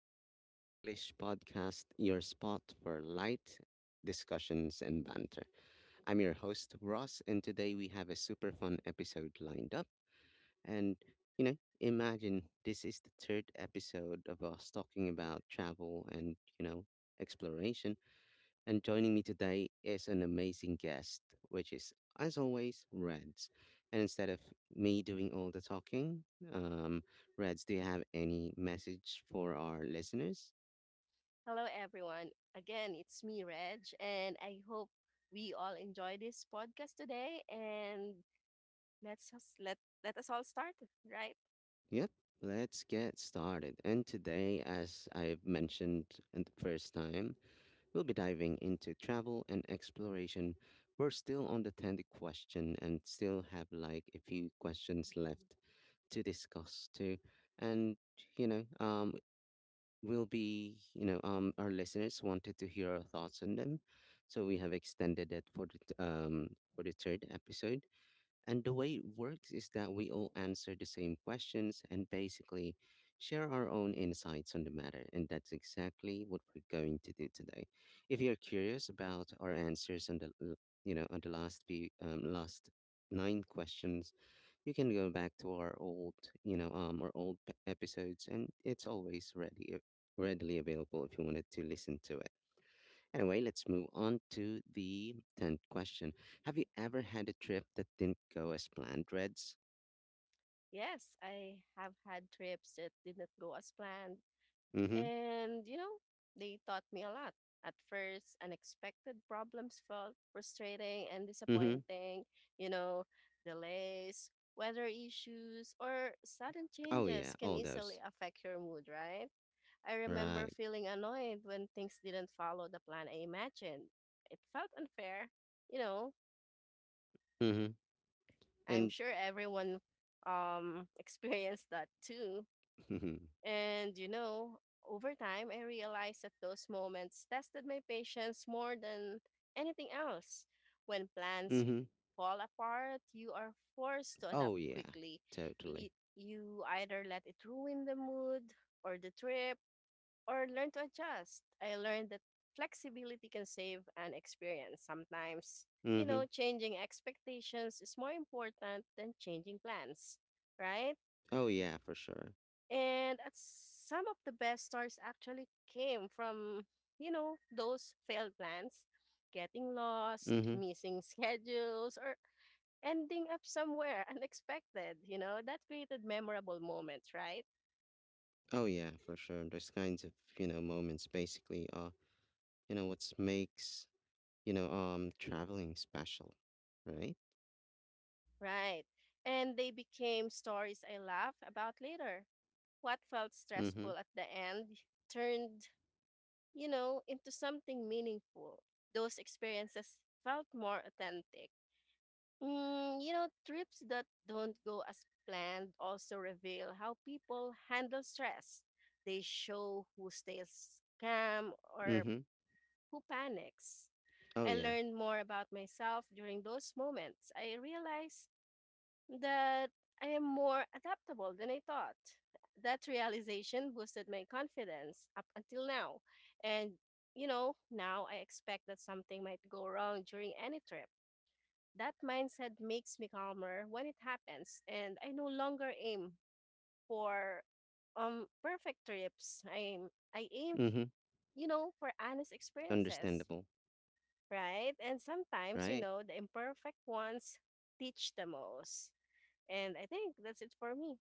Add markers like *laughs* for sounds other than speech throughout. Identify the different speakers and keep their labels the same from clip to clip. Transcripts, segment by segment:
Speaker 1: Pinoy English Podcast, your spot for light discussions and banter. I'm your host, Ross, and today we have a super fun episode lined up. And, you know, imagine this is the third episode of us talking about travel and, you know, exploration. And joining me today is an amazing guest, which is, as always, Reds. And instead of me doing all the talking, um, Reds, do you have any message for our listeners?
Speaker 2: Hello, everyone. Again, it's me, Reg, and I hope we all enjoy this podcast today. And let's just let let us all start, right?
Speaker 1: Yep, let's get started. And today, as I've mentioned in the first time, we'll be diving into travel and exploration. We're still on the 10th question and still have like a few questions left to discuss too. And you know, um, will be, our listeners wanted to hear our thoughts on them, so we have extended it for for the third episode. And the way it works is that we all answer the same questions and basically share our own insights on the matter, and that's exactly what we're going to do today. If you're curious about our answers on you know on the last few last nine questions, you can go back to our old, our old episodes, and it's always readily available if you wanted to listen to it. Anyway, let's move on to the tenth question. Have you ever had a trip that didn't go as planned, Reds?
Speaker 2: Yes, I have had trips that did not go as planned,
Speaker 1: Mm-hmm.
Speaker 2: and you know they taught me a lot. At first, unexpected problems felt frustrating and
Speaker 1: Mm-hmm.
Speaker 2: disappointing. You know, delays, weather issues, or sudden
Speaker 1: Oh
Speaker 2: changes
Speaker 1: yeah,
Speaker 2: can
Speaker 1: all
Speaker 2: easily
Speaker 1: those.
Speaker 2: affect your mood, right? I remember
Speaker 1: Right.
Speaker 2: feeling annoyed when things didn't follow the plan I imagined. It felt unfair. You know,
Speaker 1: Mm-hmm.
Speaker 2: I'm
Speaker 1: And
Speaker 2: sure everyone *laughs* experienced that too.
Speaker 1: *laughs* mm-hmm.
Speaker 2: And, you know, over time, I realized that those moments tested my patience more than anything else. When plans
Speaker 1: Mm-hmm.
Speaker 2: fall apart, you are forced to adapt
Speaker 1: Oh yeah,
Speaker 2: quickly. You,
Speaker 1: totally.
Speaker 2: e- you either let it ruin the mood or the trip or learn to adjust. I learned that flexibility can save an experience. Sometimes, you
Speaker 1: Mm-hmm.
Speaker 2: know, changing expectations is more important than changing plans, right?
Speaker 1: Oh yeah, for sure.
Speaker 2: And at some of the best stories actually came from, you know, those failed plans, getting lost,
Speaker 1: Mm-hmm.
Speaker 2: missing *laughs* schedules, or ending up somewhere *laughs* unexpected, you know, that created memorable moments, right?
Speaker 1: Oh yeah, for sure. Those kinds of, you know, moments basically are you know what makes, traveling special, right?
Speaker 2: Right. And they became stories I laugh about later. What felt
Speaker 1: Mm-hmm.
Speaker 2: stressful at the end turned, you know, into something meaningful. Those experiences felt more authentic. You know, trips that don't go as planned also reveal how people handle stress. They show who stays calm or
Speaker 1: Mm-hmm.
Speaker 2: who panics.
Speaker 1: Oh
Speaker 2: I
Speaker 1: yeah.
Speaker 2: learned more about myself during those moments. I realized that I am more adaptable than I thought. That realization boosted my confidence up until now. And, you know, now I expect that something might go wrong during any trip. That mindset makes me calmer when it happens, and I no longer aim for perfect trips. I aim,
Speaker 1: Mm-hmm.
Speaker 2: you know, for honest experiences,
Speaker 1: Understandable,
Speaker 2: right? And sometimes, you
Speaker 1: right?
Speaker 2: know, the imperfect ones teach the most. And I think that's it for me.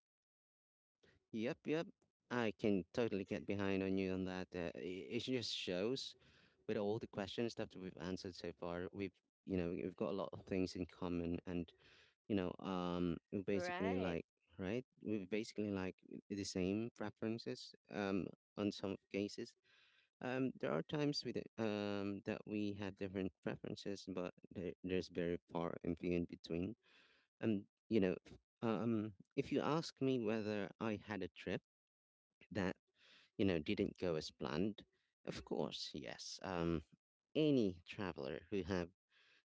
Speaker 1: Yep, yep. I can totally get behind on you on that. It just shows with all the questions that we've answered so far, we've you know we've got a lot of things in common, and we basically
Speaker 2: Right,
Speaker 1: like right, we basically like the same preferences, on some cases. There are times with it, that we have different preferences, but there's very far and few in between. If you ask me whether I had a trip that you know didn't go as planned, of course, yes. Any traveler who have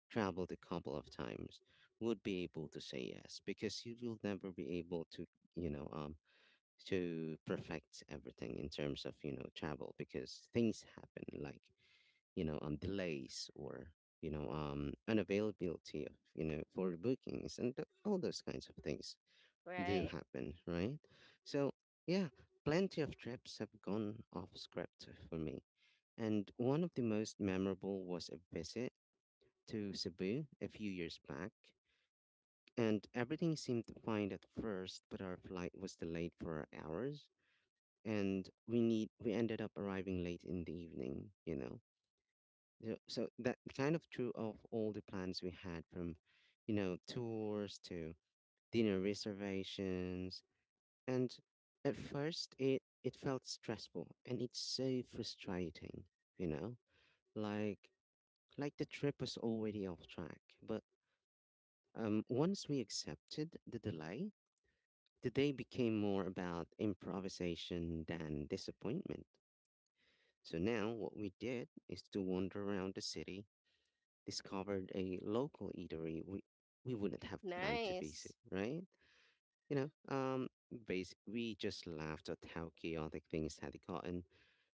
Speaker 1: traveled a couple of times would be able to say yes because you will never be able to, you know, um, to perfect everything in terms of you know travel because things happen like you know delays or you know unavailability of you know for bookings and all those kinds of things do
Speaker 2: right.
Speaker 1: happen, right? So yeah, plenty of trips have gone off script for me, and one of the most memorable was a visit to Cebu a few years back. And everything seemed fine at first, but our flight was delayed for hours, and we ended up arriving late in the evening, you know. Yeah, so that kind of true of all the plans we had, from, you know, tours to dinner reservations. And at first, it felt stressful and it's so frustrating, you know? Like like the trip was already off track. But once we accepted the delay, the day became more about improvisation than disappointment. So now what we did is to wander around the city, discovered a local eatery we wouldn't have planned to visit,
Speaker 2: Nice.
Speaker 1: right? You know, we just laughed at how chaotic things had gotten.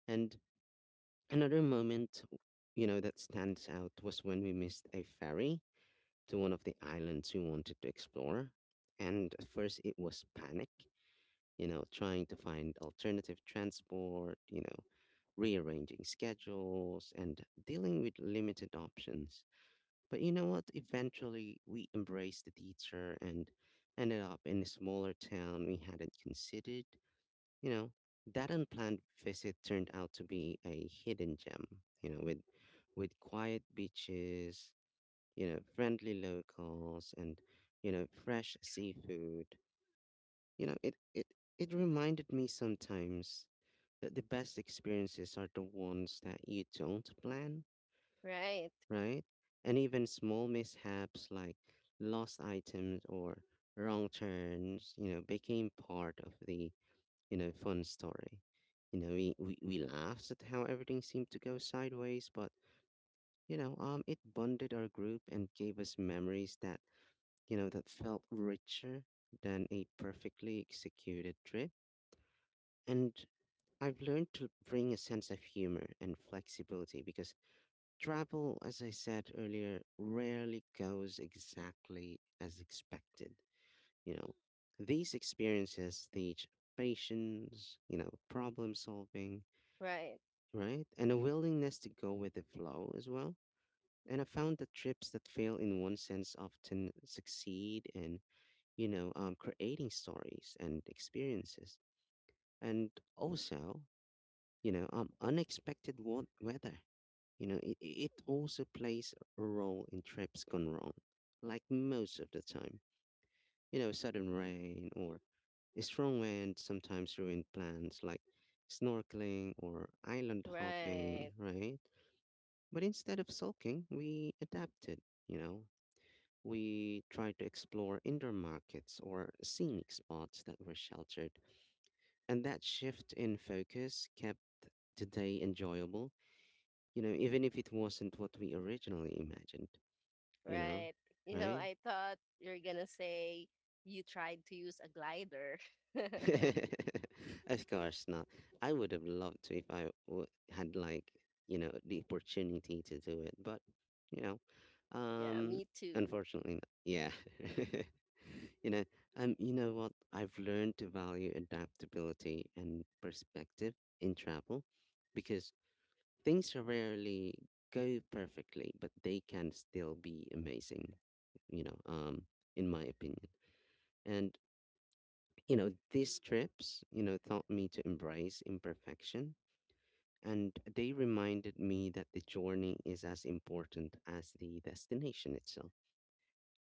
Speaker 1: And another moment, you know, that stands out was when we missed a ferry to one of the islands we wanted to explore. And at first, it was panic, you know, trying to find alternative transport, you know, rearranging schedules and dealing with limited options. But you know what? Eventually, we embraced the teacher and ended up in a smaller town we hadn't considered. You know, that unplanned visit turned out to be a hidden gem, you know, with quiet beaches, you know, friendly locals and, you know, fresh seafood. You know, it reminded me sometimes that the best experiences are the ones that you don't plan,
Speaker 2: Right,
Speaker 1: right? And even small mishaps like lost items or wrong turns, you know, became part of the, you know, fun story. You know, we laughed at how everything seemed to go sideways, but it bonded our group and gave us memories that, you know, that felt richer than a perfectly executed trip. And I've learned to bring a sense of humor and flexibility because travel, as I said earlier, rarely goes exactly as expected. You know, these experiences teach patience, you know, problem solving,
Speaker 2: right,
Speaker 1: right? And a willingness to go with the flow as well. And I found that trips that fail in one sense often succeed in, creating stories and experiences. And also, unexpected weather, you know, it also plays a role in trips gone wrong, like most of the time. You know, sudden rain or a strong wind sometimes ruin plans like snorkeling or island hopping,
Speaker 2: right,
Speaker 1: right? But instead of sulking, we adapted, you know. We tried to explore indoor markets or scenic spots that were sheltered. And that shift in focus kept the day enjoyable, you know, even if it wasn't what we originally imagined. You know,
Speaker 2: right. You know,
Speaker 1: right?
Speaker 2: I thought you're gonna say you tried to use a glider. *laughs*
Speaker 1: *laughs* Of course not. I would have loved to if had like you know the opportunity to do it, but you know,
Speaker 2: Yeah,
Speaker 1: um,
Speaker 2: me too.
Speaker 1: unfortunately, not. Yeah. *laughs* You know, you know what? I've learned to value adaptability and perspective in travel because things rarely go perfectly, but they can still be amazing. You know, um, in my opinion. And you know, these trips, you know, taught me to embrace imperfection, and they reminded me that the journey is as important as the destination itself.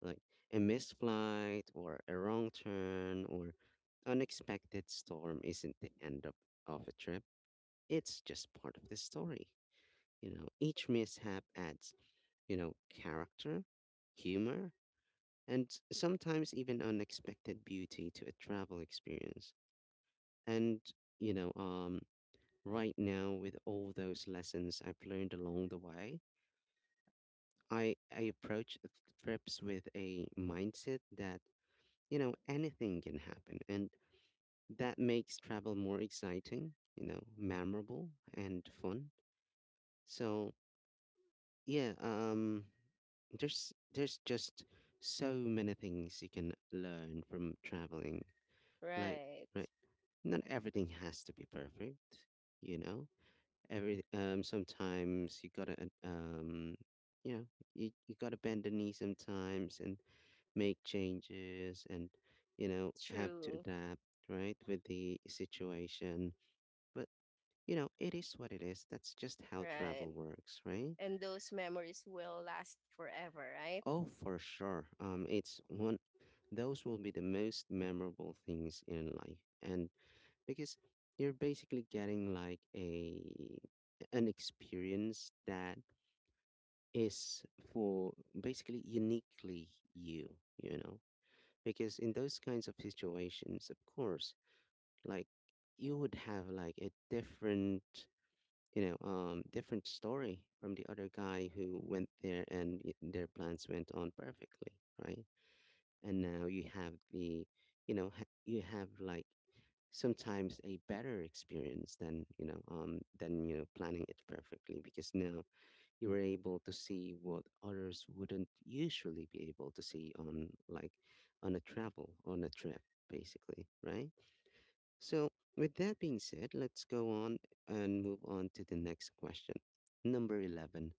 Speaker 1: Like a missed flight or a wrong turn or unexpected storm isn't the end of a trip. It's just part of the story. You know, each mishap adds, you know, character, humor, and sometimes even unexpected beauty to a travel experience. And, you know, um, right now with all those lessons I've learned along the way, I approach trips with a mindset that, you know, anything can happen. And that makes travel more exciting, you know, memorable and fun. So, yeah, there's just so many things you can learn from traveling. Like,
Speaker 2: Right,
Speaker 1: right, not everything has to be perfect, you know? Every Sometimes you gotta you know you gotta bend the knee sometimes and make changes and you know have to
Speaker 2: true.
Speaker 1: adapt right with the situation. But you know, it is what it is. That's just how
Speaker 2: Right.
Speaker 1: travel works, right?
Speaker 2: And those memories will last forever, right?
Speaker 1: Oh, for sure. It's one, those will be the most memorable things in life, and because you're basically getting like a an experience that is for basically uniquely you, you know? Because in those kinds of situations, of course, like you would have like a different, different story from the other guy who went there and their plans went on perfectly, right? And now you have the, you have like sometimes a better experience than you know planning it perfectly, because now you were able to see what others wouldn't usually be able to see on like on a travel on a trip basically, right? So with that being said, let's go on and move on to the next question, number 11.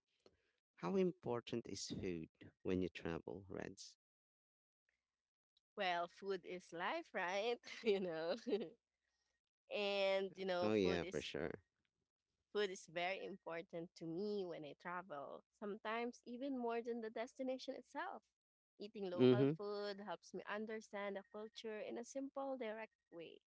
Speaker 1: How important is food when you travel, Reds?
Speaker 2: Well, food is life, right? *laughs* You know, *laughs* and you know,
Speaker 1: Oh
Speaker 2: food
Speaker 1: yeah, for
Speaker 2: is
Speaker 1: sure.
Speaker 2: food is very important to me when I travel, sometimes even more than the destination itself. Eating local
Speaker 1: Mm-hmm.
Speaker 2: food helps me understand the culture in a simple, direct way.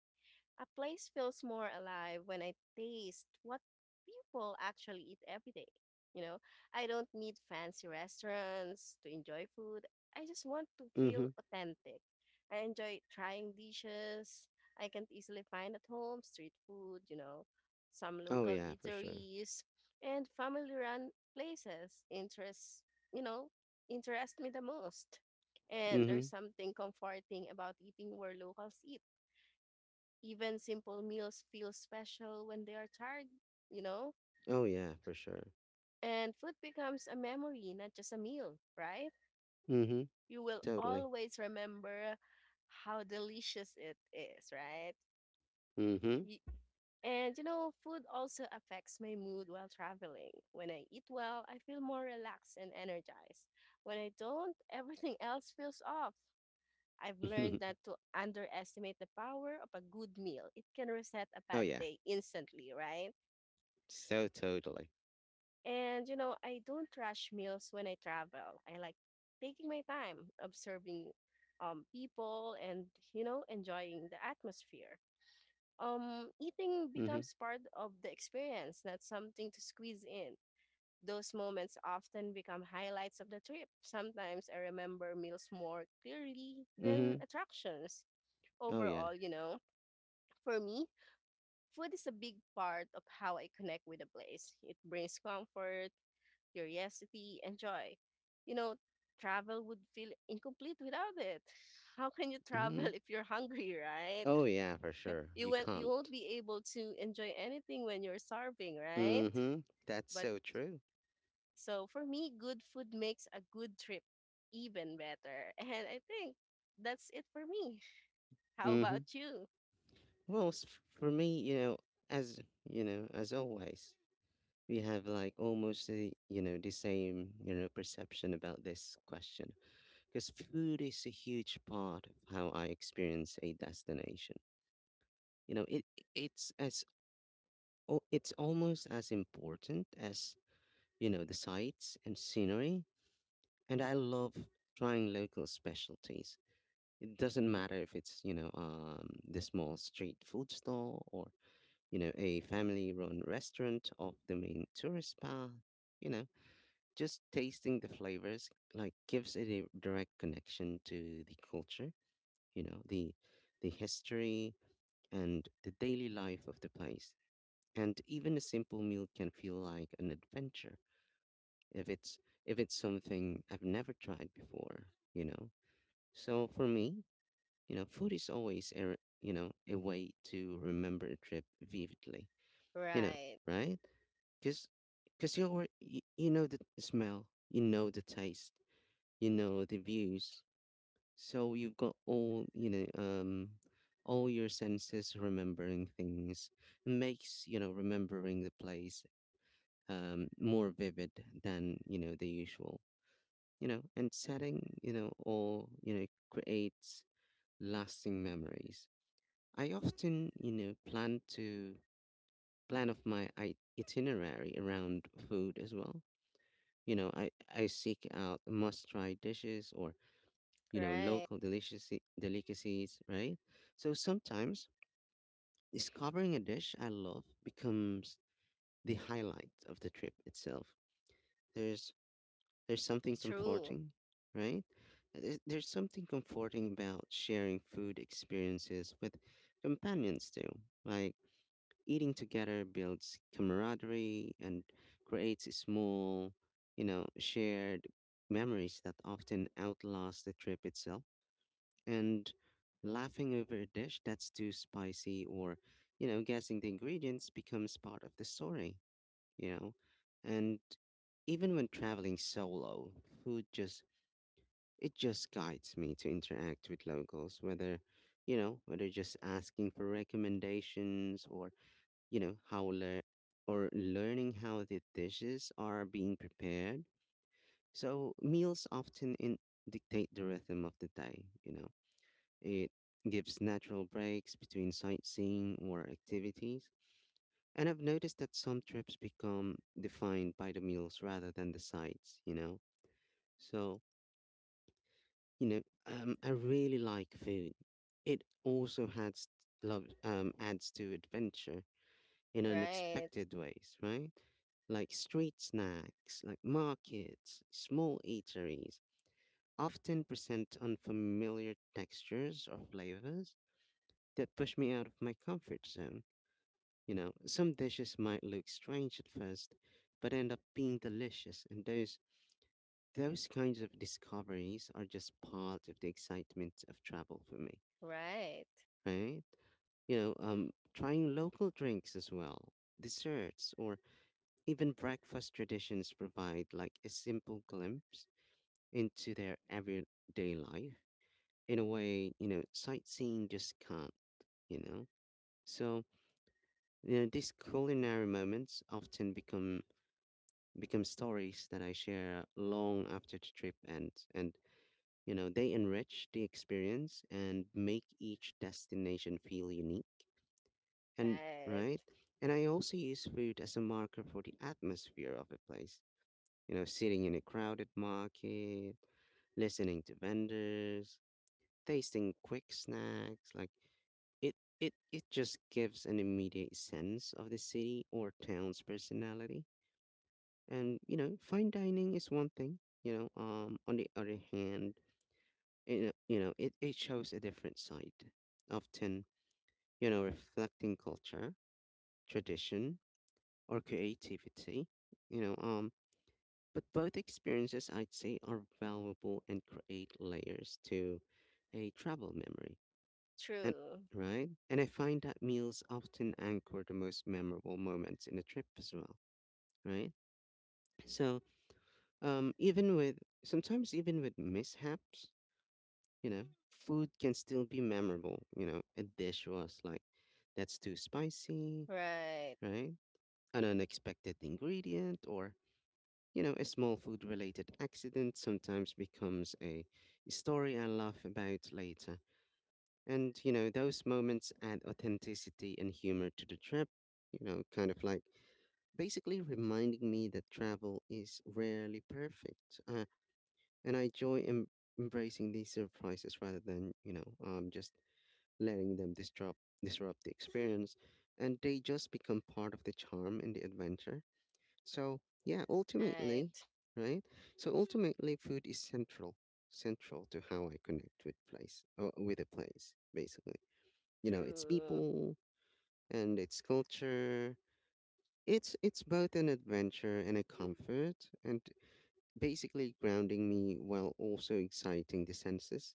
Speaker 2: A place feels more alive when I taste what people actually eat every day. You know, I don't need fancy restaurants to enjoy food. I just want to feel
Speaker 1: Mm-hmm.
Speaker 2: authentic. I enjoy trying dishes I can't easily find at home, street food, you know, some
Speaker 1: Oh
Speaker 2: local
Speaker 1: yeah, for sure.
Speaker 2: eateries and family run places interest, you know, interest me the most. And there's
Speaker 1: Mm-hmm.
Speaker 2: something comforting about eating where locals eat, even simple meals feel special when they are tired, you know?
Speaker 1: Oh yeah, for sure.
Speaker 2: And food becomes a memory, not just a meal, right?
Speaker 1: Mm-hmm.
Speaker 2: You will
Speaker 1: Totally.
Speaker 2: always remember how delicious it is, right?
Speaker 1: Mm-hmm.
Speaker 2: Y- And you know, food also affects my mood while traveling. When I eat well, I feel more relaxed and energized. When I don't, *laughs* everything else feels off. I've learned
Speaker 1: *laughs*
Speaker 2: not to underestimate the power of a good meal. It can reset a
Speaker 1: Oh
Speaker 2: bad
Speaker 1: yeah,
Speaker 2: day instantly, right?
Speaker 1: so totally.
Speaker 2: And you know, I don't rush meals when I travel. I like taking my time, observing people and you know, enjoying the atmosphere. Eating
Speaker 1: Mm-hmm.
Speaker 2: becomes part of the experience, not something to squeeze in. Those moments often become highlights of the trip. Sometimes I remember meals more clearly than
Speaker 1: Mm-hmm.
Speaker 2: attractions.
Speaker 1: Oh yeah.
Speaker 2: Overall, you know, for me, food is a big part of how I connect with a place. It brings comfort, curiosity, and joy. You know, travel would feel incomplete without it. *laughs* How can you travel *laughs*
Speaker 1: Hmm.
Speaker 2: if you're hungry, right?
Speaker 1: Oh yeah, for sure.
Speaker 2: You
Speaker 1: You
Speaker 2: won't, you won't
Speaker 1: can't.
Speaker 2: be able to enjoy anything when you're starving, right?
Speaker 1: Hmm. That's
Speaker 2: But
Speaker 1: so true.
Speaker 2: so for me, good food makes a good trip even better. And I think that's it for me. *laughs* How
Speaker 1: Hmm.
Speaker 2: about you?
Speaker 1: Well, for me, you know, as always, we have like almost the you know the same you know perception about this question, because food is a huge part of how I experience a destination. You know, it's as it's almost as important as you know the sights and scenery, and I love trying local specialties. It doesn't matter if it's, the small street food stall or, you know, a family run restaurant off the main tourist path. You know, just tasting the flavors like gives it a direct connection to the culture, you know, the history and the daily life of the place. And even a simple meal can feel like an adventure if it's if it's something I've never tried before, you know. So for me, you know, food is always you know, a way to remember a trip vividly, you know,
Speaker 2: Right,
Speaker 1: right? Because because you know the smell, you know the taste, you know the views. So you've got all your senses remembering things makes remembering the place, more vivid than the usual and setting or creates lasting memories. I often plan of my itinerary around food as well. You know, I seek out must-try dishes or
Speaker 2: right,
Speaker 1: local delicacies, right? So sometimes discovering a dish I love becomes the highlight of the trip itself. There's there's something
Speaker 2: true,
Speaker 1: comforting, right? There's something comforting about sharing food experiences with companions too. Like, eating together builds camaraderie and creates small, shared memories that often outlast the trip itself. And laughing over a dish that's too spicy or guessing the ingredients becomes part of the story, you know. And even when traveling solo, food just it just guides me to interact with locals, whether just asking for recommendations or you know how lear or learning how the dishes are being prepared. So meals often dictate the rhythm of the day. It gives natural breaks between sightseeing or activities. And I've noticed that some trips become defined by the meals rather than the sights. So I really like food. It also adds to adventure in
Speaker 2: right,
Speaker 1: unexpected ways, right? Like street snacks, like markets, small eateries, often present unfamiliar textures or flavors that push me out of my comfort zone. Some dishes might look strange at first, but end up being delicious, and those kinds of discoveries are just part of the excitement of travel for me,
Speaker 2: right,
Speaker 1: right? Trying local drinks as well, desserts, or even breakfast traditions provide like a simple glimpse into their everyday life in a way, sightseeing just can't, you know? So, these culinary moments often become stories that I share long after the trip ends and they enrich the experience and make each destination feel unique. And
Speaker 2: right,
Speaker 1: right? And I also use food as a marker for the atmosphere of a place. Sitting in a crowded market, listening to vendors, tasting quick snacks like it it just gives an immediate sense of the city or town's personality. And fine dining is one thing, on the other hand, it shows a different side, often reflecting culture, tradition, or creativity, you know um but both experiences I'd say are valuable and create layers to a travel memory. And
Speaker 2: true,
Speaker 1: right? And I find that meals often anchor the most memorable moments in a trip as well, right? So, um, even with even with mishaps, you know, food can still be memorable. A dish was like that's too spicy,
Speaker 2: right,
Speaker 1: right? An unexpected ingredient or a small food related accident sometimes becomes a story I laugh about later. Those moments add authenticity and humor to the trip, kind of like basically reminding me that travel is rarely perfect. And I enjoy embracing these surprises rather than, just letting them disrupt the experience. And they just become part of the charm and the adventure. So, yeah, ultimately,
Speaker 2: right.
Speaker 1: right? So ultimately, food is central to how I connect with a place, basically. Its
Speaker 2: True,
Speaker 1: people and its culture. It's both an adventure and a comfort and basically grounding me while also exciting the senses.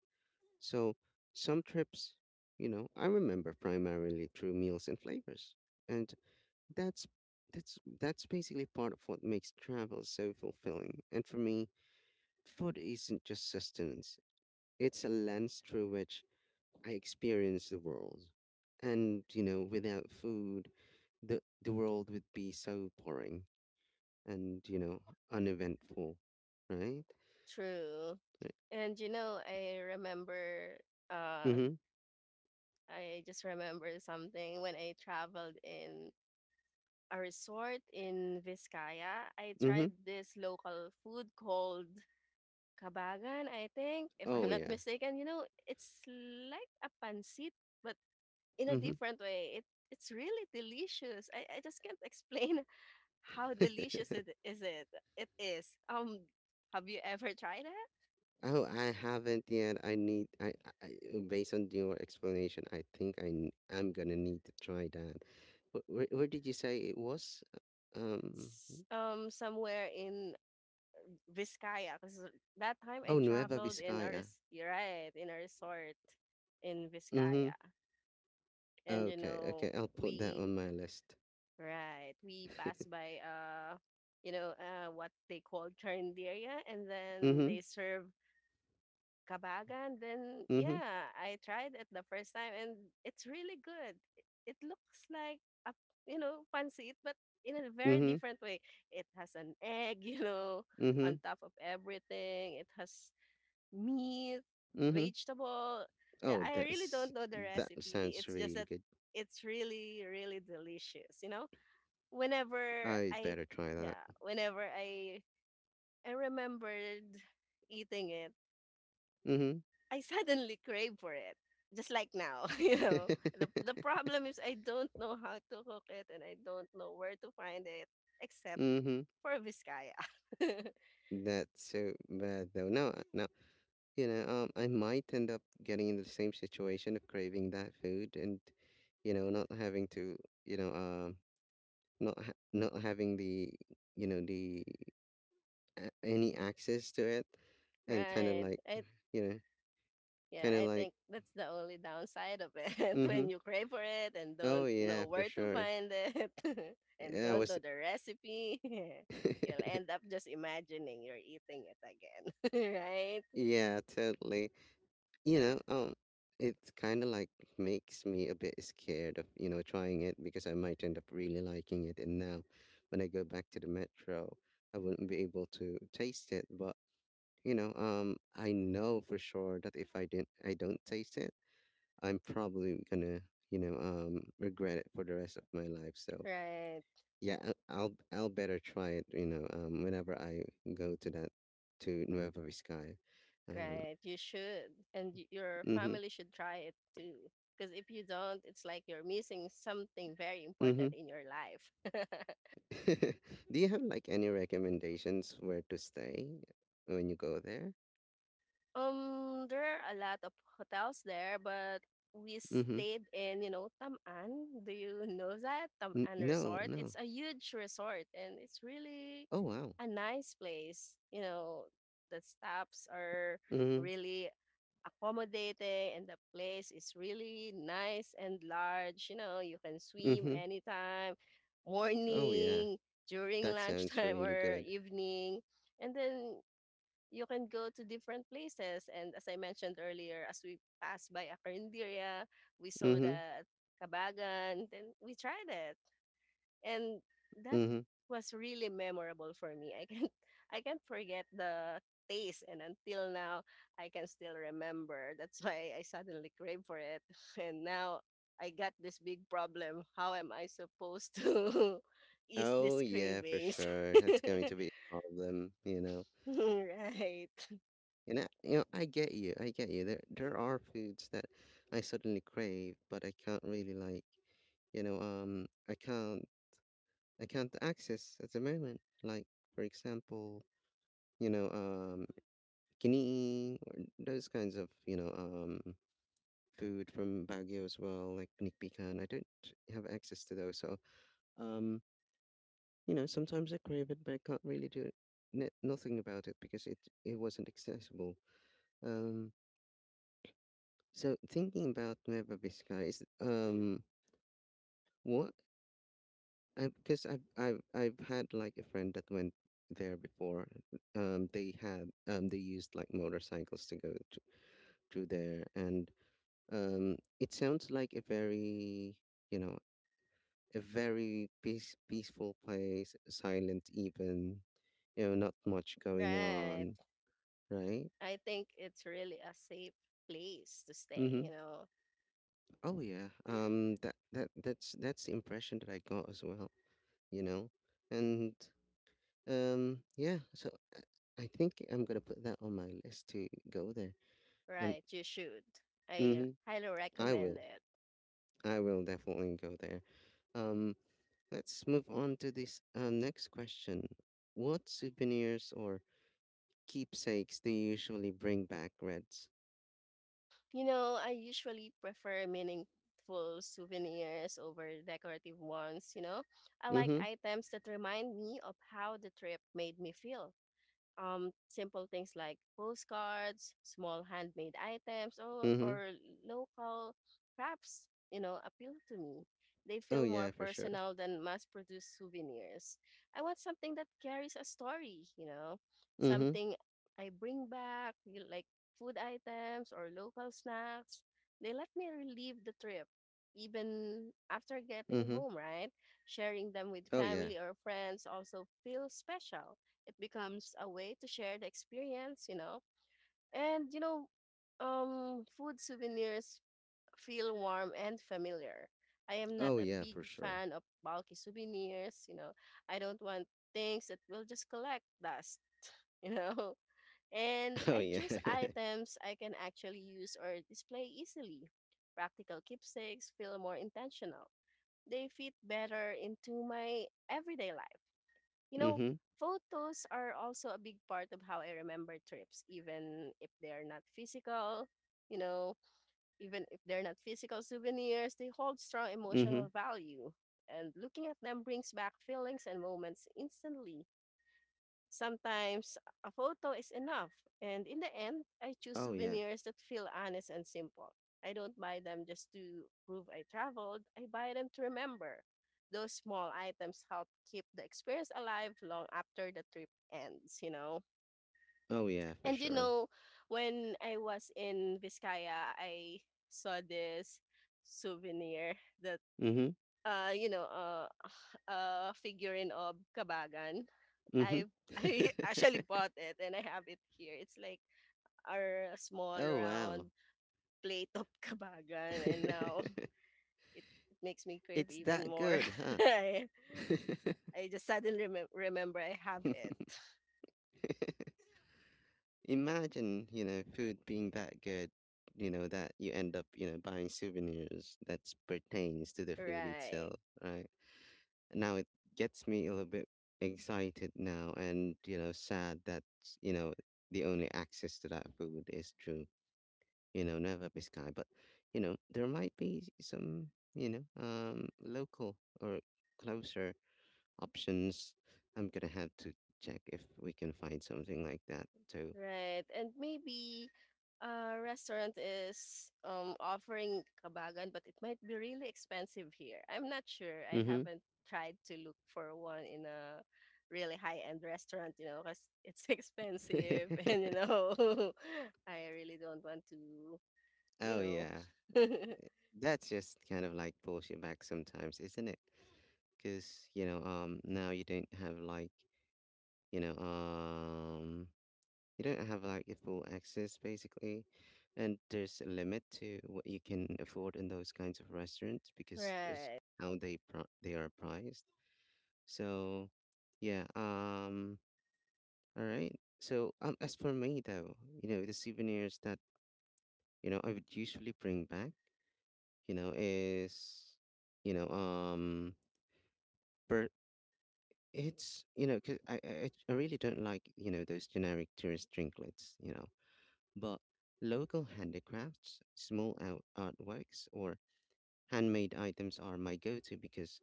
Speaker 1: So some trips, I remember primarily through meals and flavors. And that's that's basically part of what makes travel so fulfilling. And for me, food isn't just sustenance. It's a lens through which I experience the world. Without food, the world would be so boring and, uneventful, right?
Speaker 2: true.
Speaker 1: Right.
Speaker 2: And you know, I remember uh
Speaker 1: Mm-hmm.
Speaker 2: I just remember something when I traveled in a resort in Vizcaya. I
Speaker 1: Mm-hmm.
Speaker 2: tried this local food called kabagan, I think, if I'm
Speaker 1: Oh,
Speaker 2: not
Speaker 1: yeah.
Speaker 2: mistaken. You know, it's like a pancit, but in a
Speaker 1: Mm-hmm.
Speaker 2: different way. It's really delicious. I just can't explain *laughs* how delicious it is it. It is. Have you ever tried it?
Speaker 1: *laughs* Oh, I haven't yet. I need, I- Based on your explanation, I think I'm gonna need to try that. Where did you say it was? Um,
Speaker 2: Somewhere in Vizcaya because that time I
Speaker 1: oh, Nueva
Speaker 2: traveled in a
Speaker 1: Vizcaya.
Speaker 2: res- you're right in a resort in
Speaker 1: Mm-hmm.
Speaker 2: Vizcaya and you
Speaker 1: Okay,
Speaker 2: know
Speaker 1: okay. I'll put that
Speaker 2: we
Speaker 1: on my list.
Speaker 2: right we
Speaker 1: *laughs*
Speaker 2: passed by you know what they call churnderia and then
Speaker 1: Mm-hmm.
Speaker 2: they serve Kabagan, then
Speaker 1: Mm-hmm.
Speaker 2: yeah, I tried it the first time and it's really good. It looks like a, you know, pancit, but in a very
Speaker 1: Mhm,
Speaker 2: different way. It has an egg, *laughs* you know, on
Speaker 1: mhm,
Speaker 2: top of everything. It has meat,
Speaker 1: mhm.
Speaker 2: vegetable. Yeah,
Speaker 1: Oh,
Speaker 2: I really don't know the
Speaker 1: that
Speaker 2: recipe.
Speaker 1: sounds
Speaker 2: It's just
Speaker 1: really
Speaker 2: that
Speaker 1: good.
Speaker 2: it's really, really delicious, you know? Whenever
Speaker 1: I
Speaker 2: I,
Speaker 1: better try that.
Speaker 2: yeah, whenever I remembered eating it,
Speaker 1: Mhm,
Speaker 2: I suddenly crave for it, just like now, *laughs* you know. The problem is I don't know how to cook it and I don't know where to find it except
Speaker 1: mhm.
Speaker 2: for Vizcaya. *laughs*
Speaker 1: *laughs* That's so bad though. No, no. You know, I might end up getting in the same situation of craving that food, and not having to, you know, um, not having the, you know, the a- any access to it, and
Speaker 2: Right. I
Speaker 1: you know, kind
Speaker 2: Yeah,
Speaker 1: of
Speaker 2: I
Speaker 1: like,
Speaker 2: think that's the only downside of it *laughs*
Speaker 1: mhm.
Speaker 2: when you crave for it and
Speaker 1: Oh
Speaker 2: don't
Speaker 1: yeah,
Speaker 2: know
Speaker 1: for
Speaker 2: where to
Speaker 1: sure.
Speaker 2: find it *laughs* and
Speaker 1: Yeah, I
Speaker 2: don't
Speaker 1: was.
Speaker 2: know the recipe. *laughs* You'll
Speaker 1: *laughs*
Speaker 2: end up just imagining you're eating it again. *laughs* Right?
Speaker 1: Yeah, totally. You know, um, it kind of like makes me a bit scared of trying it because I might end up really liking it. And now when I go back to the metro, I wouldn't be able to taste it. But I know for sure that if I don't taste it, I'm probably gonna, regret it for the rest of my life. So
Speaker 2: Right.
Speaker 1: yeah, I'll better try it, whenever I go to Nueva Vizcaya. Um,
Speaker 2: Right, you should. And your
Speaker 1: mm-hmm.
Speaker 2: family should try it too. Because if you don't, it's like you're missing something very important
Speaker 1: Mm-hmm.
Speaker 2: in your life. *laughs*
Speaker 1: *laughs* Do you have like any recommendations where to stay when you go there?
Speaker 2: Um, there are a lot of hotels there, but we
Speaker 1: Mm-hmm.
Speaker 2: stayed in, you know, Taman. Do you know that? Taman
Speaker 1: No,
Speaker 2: Resort.
Speaker 1: no.
Speaker 2: It's a huge resort and it's really
Speaker 1: Oh, wow.
Speaker 2: a nice place. You know, the stops are
Speaker 1: Mm-hmm.
Speaker 2: really accommodating and the place is really nice and large. You know, you can swim
Speaker 1: Mm-hmm.
Speaker 2: anytime,
Speaker 1: Oh yeah.
Speaker 2: morning, during
Speaker 1: That sounds
Speaker 2: lunchtime *laughs*
Speaker 1: really
Speaker 2: or
Speaker 1: good.
Speaker 2: evening. And then you can go to different places. And as I mentioned earlier, as we passed by Acarindiria, we saw
Speaker 1: Mm-hmm.
Speaker 2: the Kabagan, then we tried it. And that
Speaker 1: Mm-hmm.
Speaker 2: was really memorable for me. I can't *laughs* I can't forget the taste and until now I can still remember. That's why I suddenly crave for it. *laughs* And now I got this big problem. How am I supposed to *laughs* ease
Speaker 1: Oh
Speaker 2: these
Speaker 1: yeah, for
Speaker 2: cravings?
Speaker 1: sure.
Speaker 2: *laughs*
Speaker 1: That's going to be a problem.
Speaker 2: Right.
Speaker 1: And I get you. I get you. There are foods that I suddenly crave, but I can't really like, you know, um, I can't, I can't access at the moment. Like, for example, you know, um, Kiniing, or those kinds of, food from Baguio as well, like pinikpikan. I don't have access to those, so, um, sometimes I crave it, but I can't really do it, n nothing about it because it wasn't accessible. Um, so thinking about Nueva Vizcaya is, what I because I've had, like, a friend that went there before. They used, like, motorcycles to go to through there, and it sounds like you know, a very peaceful place, silent even, not much going
Speaker 2: Right.
Speaker 1: on, right?
Speaker 2: I think it's really a safe place to stay,
Speaker 1: Mm-hmm.
Speaker 2: you know.
Speaker 1: Oh yeah. That that's the impression that I got as well, you know, and yeah. So uh, I think I'm gonna put that on my list to go there. Um,
Speaker 2: Right, you should. I
Speaker 1: mm-hmm.
Speaker 2: highly
Speaker 1: I will.
Speaker 2: recommend it.
Speaker 1: I will definitely go there. Um, Let's move on to this next question. What souvenirs or keepsakes do you usually bring back, Reds?
Speaker 2: You know, I usually prefer meaningful souvenirs over decorative ones, you know. I like
Speaker 1: Mm-hmm.
Speaker 2: items that remind me of how the trip made me feel, simple things like postcards, small handmade items, or,
Speaker 1: Mm-hmm.
Speaker 2: or local crafts, you know, appeal to me. They
Speaker 1: Oh
Speaker 2: feel more
Speaker 1: yeah, for sure.
Speaker 2: personal than mass produced souvenirs. I want something that carries a story, you know,
Speaker 1: Mm-hmm.
Speaker 2: something I bring back, you know, like food items or local snacks. They let me relive the trip even after getting
Speaker 1: Mm-hmm.
Speaker 2: home, right? Sharing them with
Speaker 1: Oh yeah.
Speaker 2: family or friends also feels special, it becomes a way to share the experience, you know. And you know, food souvenirs feel warm and familiar. I am not
Speaker 1: Oh
Speaker 2: a
Speaker 1: yeah, for
Speaker 2: big
Speaker 1: sure.
Speaker 2: fan of bulky souvenirs, you know. I don't want things that will just collect dust, *laughs* you know. And
Speaker 1: *laughs* Oh
Speaker 2: I
Speaker 1: yeah.
Speaker 2: choose
Speaker 1: *laughs*
Speaker 2: items I can actually use or display easily. Practical keepsakes feel more intentional. They fit better into my everyday life. You know,
Speaker 1: Mm-hmm.
Speaker 2: photos are also a big part of how I remember trips, even if they are not physical. You know, even if they're not physical souvenirs, they hold strong emotional
Speaker 1: Mm-hmm.
Speaker 2: value. And looking at them brings back feelings and moments instantly. Sometimes a photo is enough, and in the end, I choose
Speaker 1: Oh yeah.
Speaker 2: souvenirs that feel honest and simple. I don't buy them just to prove I traveled, I buy them to remember. Those small items help keep the experience alive long after the trip ends, you know.
Speaker 1: Oh yeah, for
Speaker 2: And you
Speaker 1: sure.
Speaker 2: know, when I was in Vizcaya, I saw this souvenir that
Speaker 1: Mm-hmm.
Speaker 2: uh, you know, uh, *sighs* figurine of Kabagan.
Speaker 1: Mm-hmm.
Speaker 2: I *laughs* I actually
Speaker 1: *laughs*
Speaker 2: bought it and I have it here. It's like our small
Speaker 1: Oh, wow.
Speaker 2: round plate of *laughs* Kabagan, and now
Speaker 1: *laughs*
Speaker 2: it makes me crave
Speaker 1: It's
Speaker 2: even
Speaker 1: that
Speaker 2: more.
Speaker 1: good,
Speaker 2: *laughs*
Speaker 1: huh?
Speaker 2: I I just suddenly remember I have it.
Speaker 1: *laughs* Imagine, food being that good, that you end up, buying souvenirs that pertains to the food
Speaker 2: Right.
Speaker 1: itself, right? Now it gets me a little bit excited now and, sad that, you know, the only access to that food is through, Nueva Vizcaya. But, there might be some, local or closer options. I'm gonna have to check if we can find something like that too.
Speaker 2: Right. And maybe a restaurant is offering kabagan, but it might be really expensive here. I'm not sure. I
Speaker 1: Mm-hmm.
Speaker 2: haven't tried to look for one in a really high-end restaurant, you know, because it's *laughs* expensive and you
Speaker 1: *laughs*
Speaker 2: know, *laughs* I really don't want to, you
Speaker 1: Oh,
Speaker 2: know.
Speaker 1: yeah.
Speaker 2: *laughs*
Speaker 1: That's just kind of like pulls you back sometimes, isn't it? Because, now you know, um, you don't have like a full access basically. And there's a limit to what you can afford in those kinds of restaurants because just
Speaker 2: Right.
Speaker 1: how they are priced. So, yeah, all right. So, as for me though, the souvenirs that I would usually bring back. You know, is, you know, um, but it's, you know, cause I really don't like those generic tourist drinklets, but local handicrafts, small out artworks, or handmade items are my go-to because,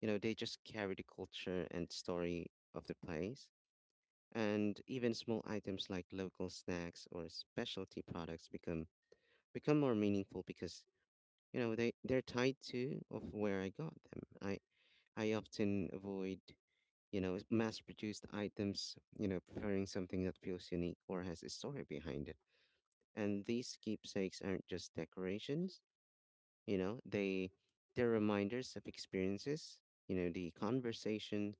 Speaker 1: you know, they just carry the culture and story of the place. And even small items like local snacks or specialty products become more meaningful because they're tied to of where I got them. I often avoid, mass-produced items, preferring something that feels unique or has a story behind it. And these keepsakes aren't just decorations, you know, they they're reminders of experiences, the conversation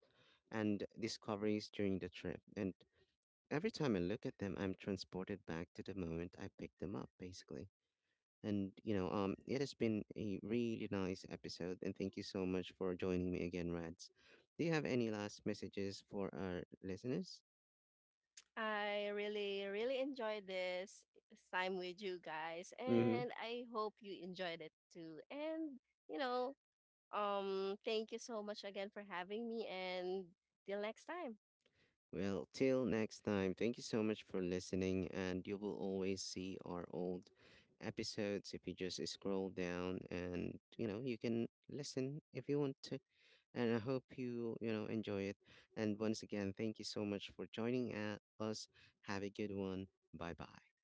Speaker 1: and discoveries during the trip. And every time I look at them, I'm transported back to the moment I picked them up, basically. And it has been a really nice episode, and thank you so much for joining me again, Rads. Do you have any last messages for our listeners?
Speaker 2: I really, really enjoyed this time with you guys,
Speaker 1: Mm-hmm.
Speaker 2: and I hope you enjoyed it too. And, you know, um, thank you so much again for having me, and till next time.
Speaker 1: Well, till next time, thank you so much for listening, and you will always see our old episodes if you just scroll down, and you can listen if you want to. And I hope you enjoy it. And once again, thank you so much for joining at us. Have a good one. Bye bye.